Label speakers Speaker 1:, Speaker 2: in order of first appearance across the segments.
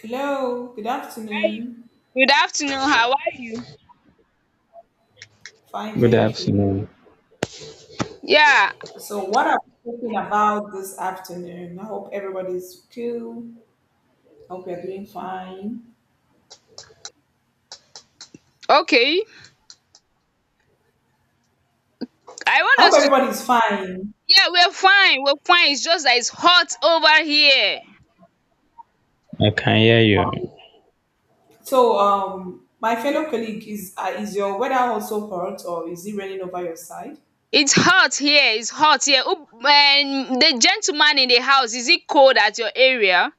Speaker 1: Hello, good
Speaker 2: Hi.
Speaker 1: afternoon.
Speaker 2: Good afternoon. How are you?
Speaker 1: Fine,
Speaker 3: Good
Speaker 1: thank you.
Speaker 3: afternoon.
Speaker 2: Yeah.
Speaker 1: So, what are we talking about this afternoon? I hope everybody's cool. I hope you're doing fine.
Speaker 2: Okay. I
Speaker 1: I
Speaker 2: want
Speaker 1: hope
Speaker 2: us to.
Speaker 1: everybody's fine.
Speaker 2: Yeah, we're fine. We're fine. It's just that it's hot over here.
Speaker 3: I can hear you.
Speaker 1: So, my fellow colleague, is your weather also hot or is it raining over your side?
Speaker 2: It's hot here. It's hot here. Oh, and the gentleman in the house, is it cold at your area?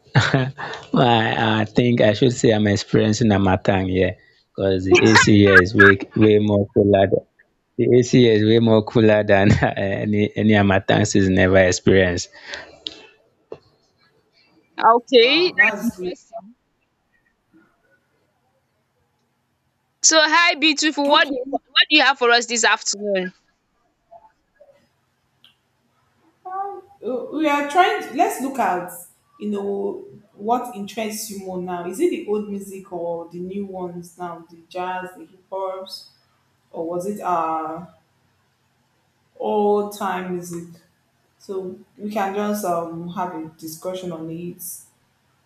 Speaker 3: I, I think I should say I'm experiencing a matang here because the AC here is way, way more cooler. The AC here is way more cooler than any Amatang season ever experienced.
Speaker 2: Okay,
Speaker 1: Wow,
Speaker 2: that's
Speaker 1: that's good.
Speaker 2: interesting. So, hi, beautiful. What do you
Speaker 1: Okay.
Speaker 2: what do you have for us this afternoon?
Speaker 1: We are trying to, let's look at, you know, what interests you more now. Is it the old music or the new ones now? The jazz, the hip hop? Or was it our old time music? So we can just have a discussion on it.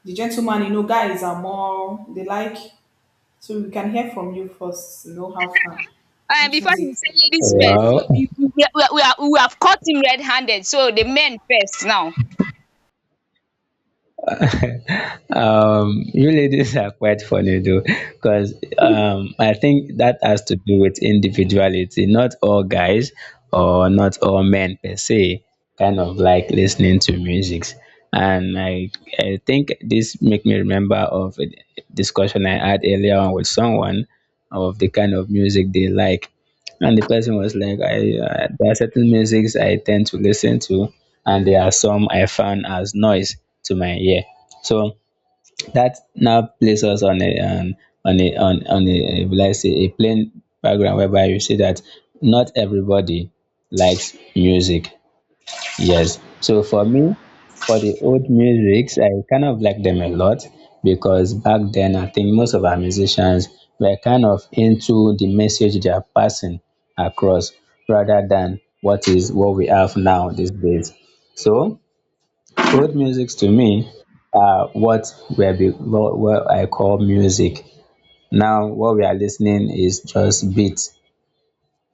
Speaker 1: The gentleman, you know, guys are more they like, so we can hear from you first, you know how far
Speaker 2: And
Speaker 1: which
Speaker 2: before he
Speaker 1: music
Speaker 2: say
Speaker 1: do
Speaker 2: ladies
Speaker 1: you
Speaker 2: first,
Speaker 1: like?
Speaker 2: so
Speaker 3: Wow.
Speaker 2: we have caught him red-handed. So the men first now.
Speaker 3: You ladies are quite funny though, because
Speaker 2: All
Speaker 3: I think that has to do with individuality. Not all guys or not all men per se kind of like listening to music. And I, I think this make me remember of a discussion I had earlier on with someone of the kind of music they like. And the person was like, there are certain musics I tend to listen to, and there are some I found as noise to my ear. So that now places us on a, on a, on, on a, will I say, a plain background whereby you see that not everybody likes music. Yes. So for me, for the old musics, I kind of like them a lot because back then I think most of our musicians were kind of into the message they are passing across rather than what is what we have now these days. So old musics to me are what I call music. Now what we are listening is just beats,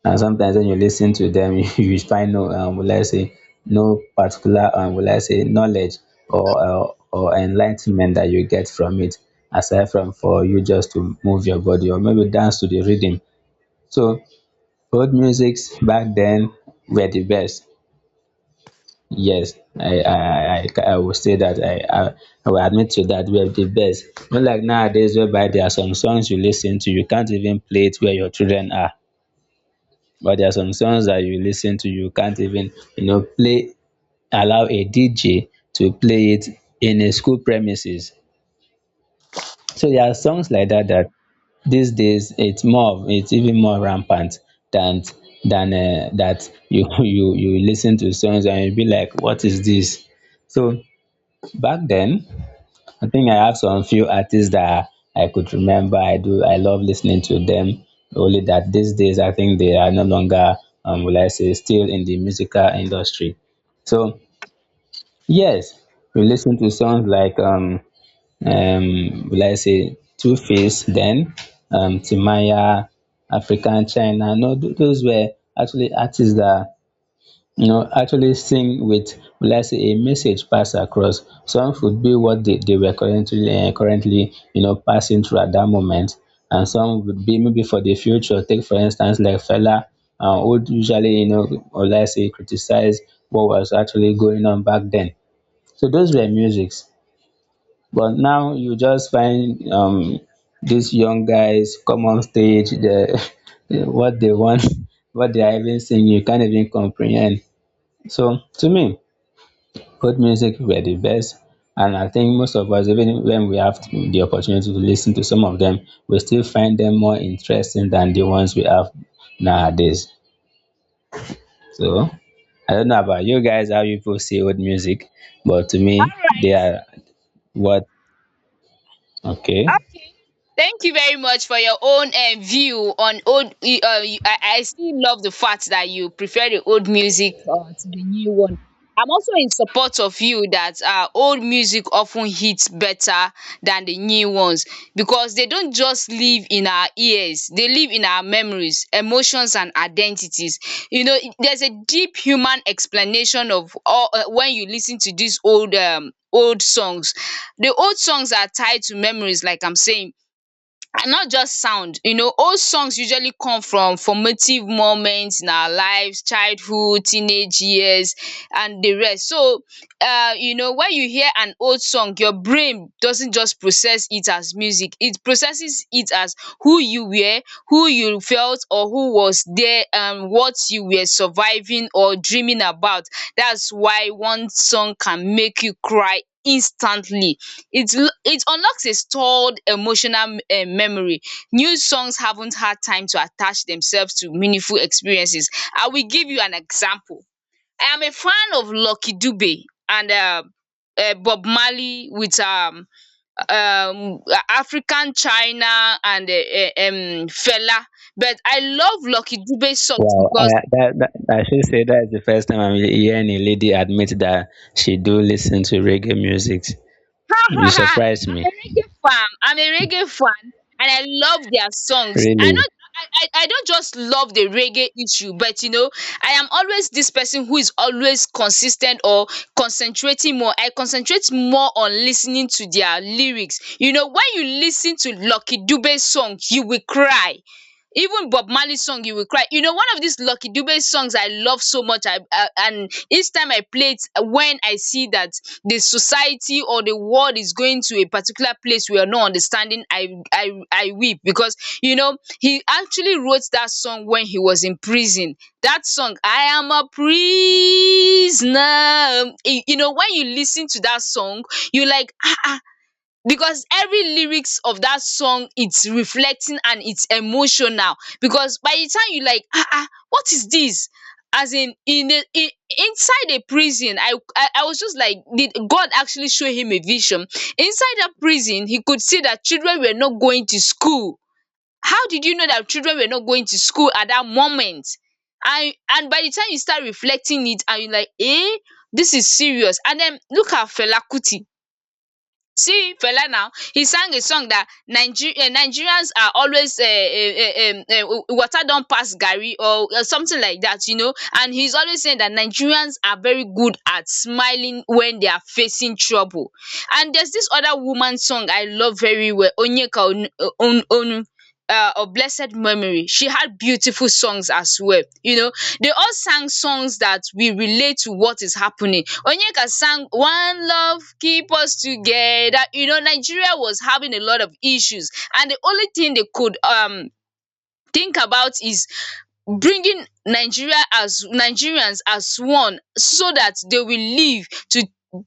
Speaker 3: and sometimes when you listen to them you find no will I say no particular will I say knowledge or enlightenment that you get from it, aside from for you just to move your body or maybe dance to the rhythm. So old musics back then were the best. Yes, I will say that I will admit to that were the best. Not like nowadays whereby there are some songs you listen to you can't even play it where your children are. But there are some songs that you listen to, you can't even, you know, play, allow a DJ to play it in a school premises. So there are songs like that that these days it's more, it's even more rampant than than that you you listen to songs and you be like, what is this? So back then I think I have some few artists that I could remember. I do. I love listening to them. Only that these days, I think they are no longer, will I say, still in the musical industry. So yes, we listen to songs like, will I say, Two Face, then Timaya, African China. No, those were actually artists that you know actually sing with, will I say, a message pass across. Some would be what they were currently currently, you know, passing through at that moment, and some would be maybe for the future. Take for instance like Fella, would usually, you know, or let's say criticize what was actually going on back then. So those were musics, but now you just find these young guys come on stage the what they want what they are even saying you can't even comprehend. So to me, both music were the best, and I think most of us, even when we have the opportunity to listen to some of them, we still find them more interesting than the ones we have nowadays. So I don't know about you guys, how you people see old music, but to me, they
Speaker 2: right.
Speaker 3: are what. Okay.
Speaker 2: Okay. Thank you very much for your own view on old. I still love the fact that you prefer the old music to the new one. I'm also in support of you that old music often hits better than the new ones because they don't just live in our ears, they live in our memories, emotions and identities. You know, there's a deep human explanation of all when you listen to these old old songs. The old songs are tied to memories, like I'm saying, and not just sound. Old songs usually come from formative moments in our lives: childhood, teenage years, and the rest. So when you hear an old song, your brain doesn't just process it as music, it processes it as who you were, who you felt, or who was there, and what you were surviving or dreaming about. That's why one song can make you cry instantly. It unlocks a stored emotional memory. New songs haven't had time to attach themselves to meaningful experiences. I will give you an example. I am a fan of Lucky Dube and Bob Marley with um African China and Fela, but I love Lucky Dube songs
Speaker 3: Wow,
Speaker 2: because
Speaker 3: that, I should say that's the first time I'm hearing a lady admit that she do listen to reggae music. You surprised
Speaker 2: I'm a
Speaker 3: me,
Speaker 2: reggae fan. I'm a reggae fan, and I love their songs. I
Speaker 3: really.
Speaker 2: not, I don't just love the reggae issue, but I am always this person who is always consistent or concentrating more. I concentrate more on listening to their lyrics. You know, when you listen to Lucky Dube's song, you will cry. Even Bob Marley song you will cry. You know, one of these Lucky Dube songs I love so much and each time I play it when I see that the society or the world is going to a particular place we are not understanding, I weep because you know he actually wrote that song when he was in prison. That song, I am a prisoner. You know, when you listen to that song, you like ah ah, because every lyrics of that song it's reflecting and it's emotional. Because by the time you like ah ah, what is this, as in a in inside a prison, I was just like, did God actually show him a vision? Inside that prison he could see that children were not going to school. How did you know that children were not going to school at that moment? And by the time you start reflecting it and you like eh, this is serious. And then look at Fela Kuti. See Fela now, he sang a song that Nigerians are always water don't pass Gary or something like that. And he's always saying that Nigerians are very good at smiling when they are facing trouble. And there's this other woman song I love very well, Onyeka Onu. Onu, of blessed memory, she had beautiful songs as well. They all sang songs that we relate to what is happening. Onyeka sang One Love Keep Us Together. You know, Nigeria was having a lot of issues, and the only thing they could think about is bringing Nigeria as Nigerians as one so that they will live to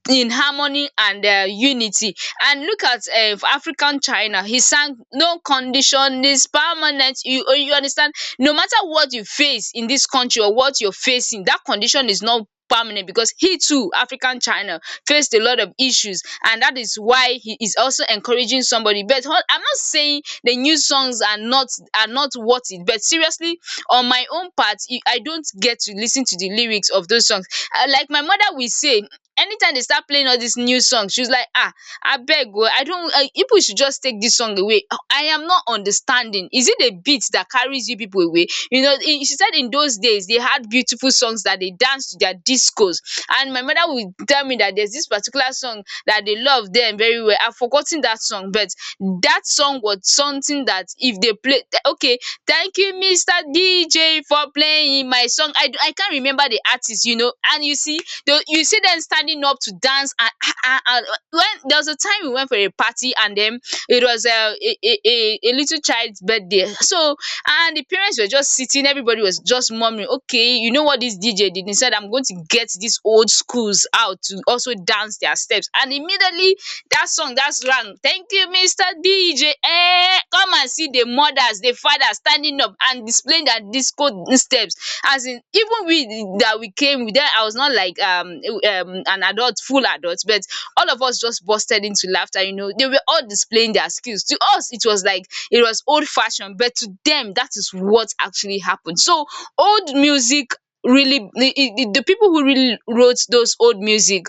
Speaker 2: in harmony and unity. And look at African China. He sang no condition is permanent. You understand? No matter what you face in this country or what you're facing, that condition is not permanent because he too, African China, faced a lot of issues. And that is why he is also encouraging somebody. But I'm not saying the new songs are not worth it. But seriously, on my own part, I don't get to listen to the lyrics of those songs. Like my mother will say, anytime they start playing all these new songs, she's like, ah, abeg oh, I don't, people should just take this song away. I am not understanding. Is it the beat that carries you people away? You know, she said in those days, they had beautiful songs that they danced to their discos. And my mother would tell me that there's this particular song that they love them very well. I've forgotten that song, but that song was something that if they play, okay, thank you, Mr. DJ, for playing my song. I can't remember the artist, and you see, you see them standing up to dance. And when there was a time we went for a party, and then it was a little child's birthday. So, and the parents were just sitting, everybody was just murmuring. Okay, you know what this DJ did? He said, I'm going to get these old schools out to also dance their steps. And immediately, dat song, dat ram, thank you, Mr. DJ, come and see the mothers, the fathers standing up and displaying their disco steps. As in, even we that we came then, I was not like an adult, full adult, but all of us just bursted into laughter. They were all displaying their skills. To us it was like it was old fashion, but to them that is what actually happened. So old music, really, the people who really wrote those old music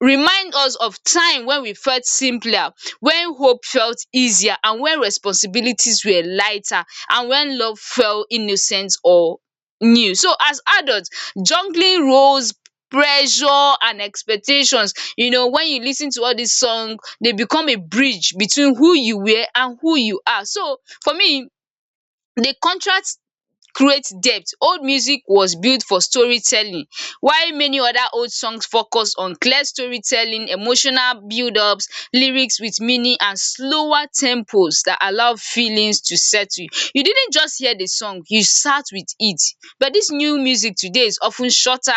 Speaker 2: remind us of time when we felt simpler, when hope felt easier, and when responsibilities were lighter, and when love felt innocent or new. So as adult juggling roles, pressure and expectations, when you lis ten to all this song, they become a bridge between who you were and who you are. So for me, the contract create depth. Old music was built for storytelling, while many other old songs focus on clear storytelling, emotional build-ups, lyrics with meaning and slower tempos that allow feelings to settle. You didn't just hear the song, you sat with it. But dis new music today is of ten shorter,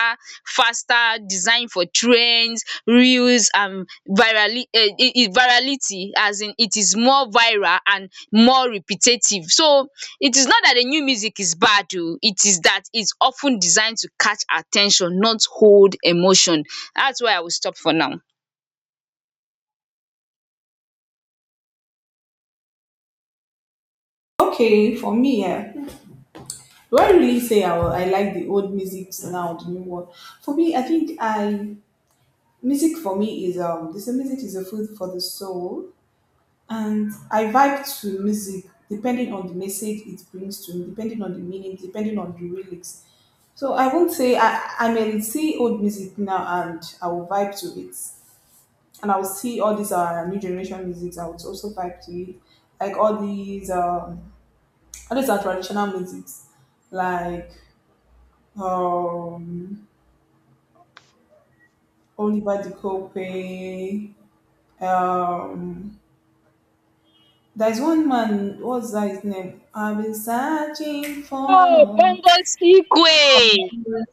Speaker 2: faster, designed for trends, reels and virality, as in it is more viral and more repetitive. So it is not that the new music is bad oh, it is that it's often designed to catch attention, not hold emotion. That's where I will stop for now.
Speaker 1: Okay, for me, yeah. Do I really say I like the old music now, the new one? For me, I think I music for me is this music is a food for the soul. And I vibe to music depending on the message it brings to me, depending on the meaning, depending on the lyrics. So I won't say I may see old music now and I will vibe to it. And I'll see all these new generation musics, I would also vibe to it. Like all these are traditional musics, like um Oliver De Cope, um there's one man, what's that his name? I've been searching
Speaker 2: Oh,
Speaker 1: for.
Speaker 2: Bongos Ikwe!
Speaker 1: Um,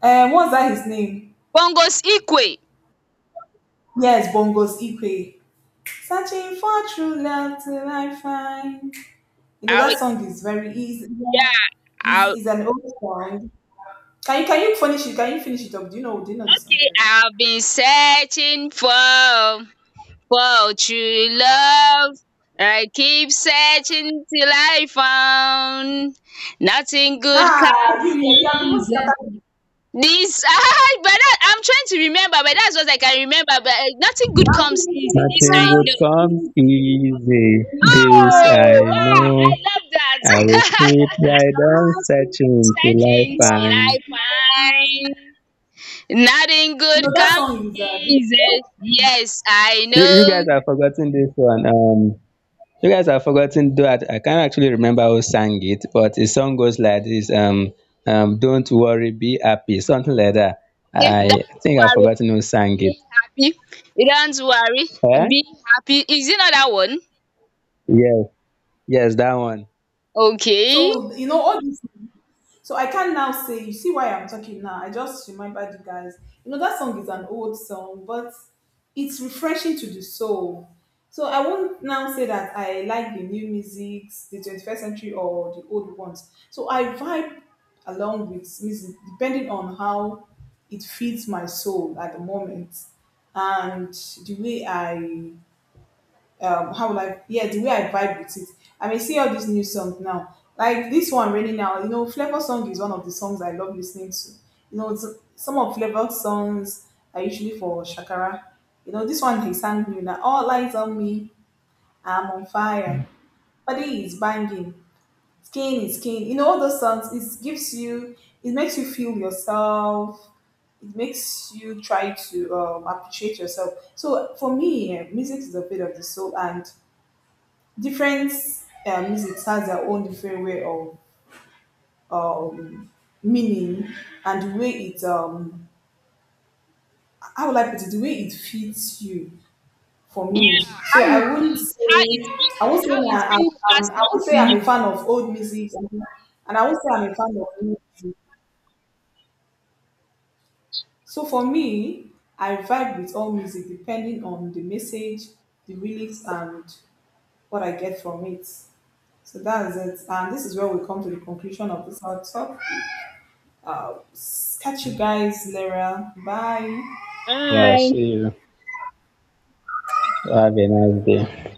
Speaker 1: what's that his name?
Speaker 2: Bongos Ikwe!
Speaker 1: Yes, Bongos Ikwe. Searching for true love till I find. You know
Speaker 2: I will,
Speaker 1: that song is very easy.
Speaker 2: yeah, I will,
Speaker 1: Is an old song. Can you finish it? Can you finish it up? Do you know the song
Speaker 2: okay,
Speaker 1: very well?
Speaker 2: I've been searching for true love. I keep searching till I found nothing good
Speaker 1: Ah,
Speaker 2: comes
Speaker 1: you have even
Speaker 2: easy.
Speaker 1: started.
Speaker 2: This but that I'm trying to remember, but that's what I can remember. But nothing good
Speaker 1: I've
Speaker 2: comes
Speaker 1: been
Speaker 2: easy.
Speaker 1: so
Speaker 2: This I
Speaker 3: Nothing good
Speaker 1: trust
Speaker 2: know.
Speaker 3: comes
Speaker 1: in you,
Speaker 3: easy.
Speaker 1: in
Speaker 3: This
Speaker 1: thy
Speaker 3: I
Speaker 2: Oh wow!
Speaker 1: love,
Speaker 2: I
Speaker 3: know.
Speaker 2: love
Speaker 3: I will
Speaker 2: that.
Speaker 3: keep right on
Speaker 1: searching
Speaker 3: searching till I
Speaker 1: for
Speaker 2: Searching till
Speaker 1: love
Speaker 2: I
Speaker 3: find.
Speaker 1: till I find.
Speaker 2: find nothing
Speaker 1: You know
Speaker 2: good
Speaker 1: that
Speaker 2: comes
Speaker 1: song is a
Speaker 2: easy. Yes, I
Speaker 3: You
Speaker 2: know.
Speaker 3: guys have forgotten this one. You guys have forgotten that I can't actually remember who sang it, but the song goes like this. Don't worry, be happy, something like that.
Speaker 2: Okay,
Speaker 3: I
Speaker 2: don't
Speaker 3: think I've
Speaker 2: worry.
Speaker 3: forgotten who sang it.
Speaker 2: Be happy. Don't worry.
Speaker 3: Eh?
Speaker 2: Be happy. Is it not that one?
Speaker 3: Yes, yes, that one.
Speaker 2: Okay.
Speaker 1: so you know all these, so I can now say, you see why I'm talking now. I just remembered you guys. You know that song is an old song, but it's refreshing to the soul. So I won't now say that I like the new music, the 21st century or the old ones. So I vibe along with music depending on how it feeds my soul at the moment and the way I how will I yeah the way I vibe with it. I may see all these new songs now. Like this one raining now, you know, Flavor Song is one of the songs I love listening to. You know, it's, some of Flavor songs are usually for Shakara. You know, this one he sang new now. All lights on me, I'm on fire. Body is banging, skin is skin. You know, all those songs. It gives you, it makes you feel yourself, it makes you try to appreciate yourself. So for me, eh, music is a bit of the soul, and different music has their own different way of uh, um, meaning and the way it how would I put it the way it fits you for me.
Speaker 2: Yeah.
Speaker 1: So
Speaker 2: How you
Speaker 1: I wouldn't
Speaker 2: feel it?
Speaker 1: say
Speaker 2: How it's been?
Speaker 1: I won't say
Speaker 2: How it's
Speaker 1: that I'm,
Speaker 2: been
Speaker 1: I'm
Speaker 2: passed
Speaker 1: I
Speaker 2: down
Speaker 1: won't
Speaker 2: to
Speaker 1: say I'm a
Speaker 2: you?
Speaker 1: fan of old music, and I won't say I'm a fan of new music. So for me, I vibe with all music depending on the message, the lyrics, and what I get from it. So that is it. And this is where we come to the conclusion of this our talk. Uh, catch you guys, Lara. Bye.
Speaker 3: Yeah. See
Speaker 2: Bye.
Speaker 3: you. Have a nice day.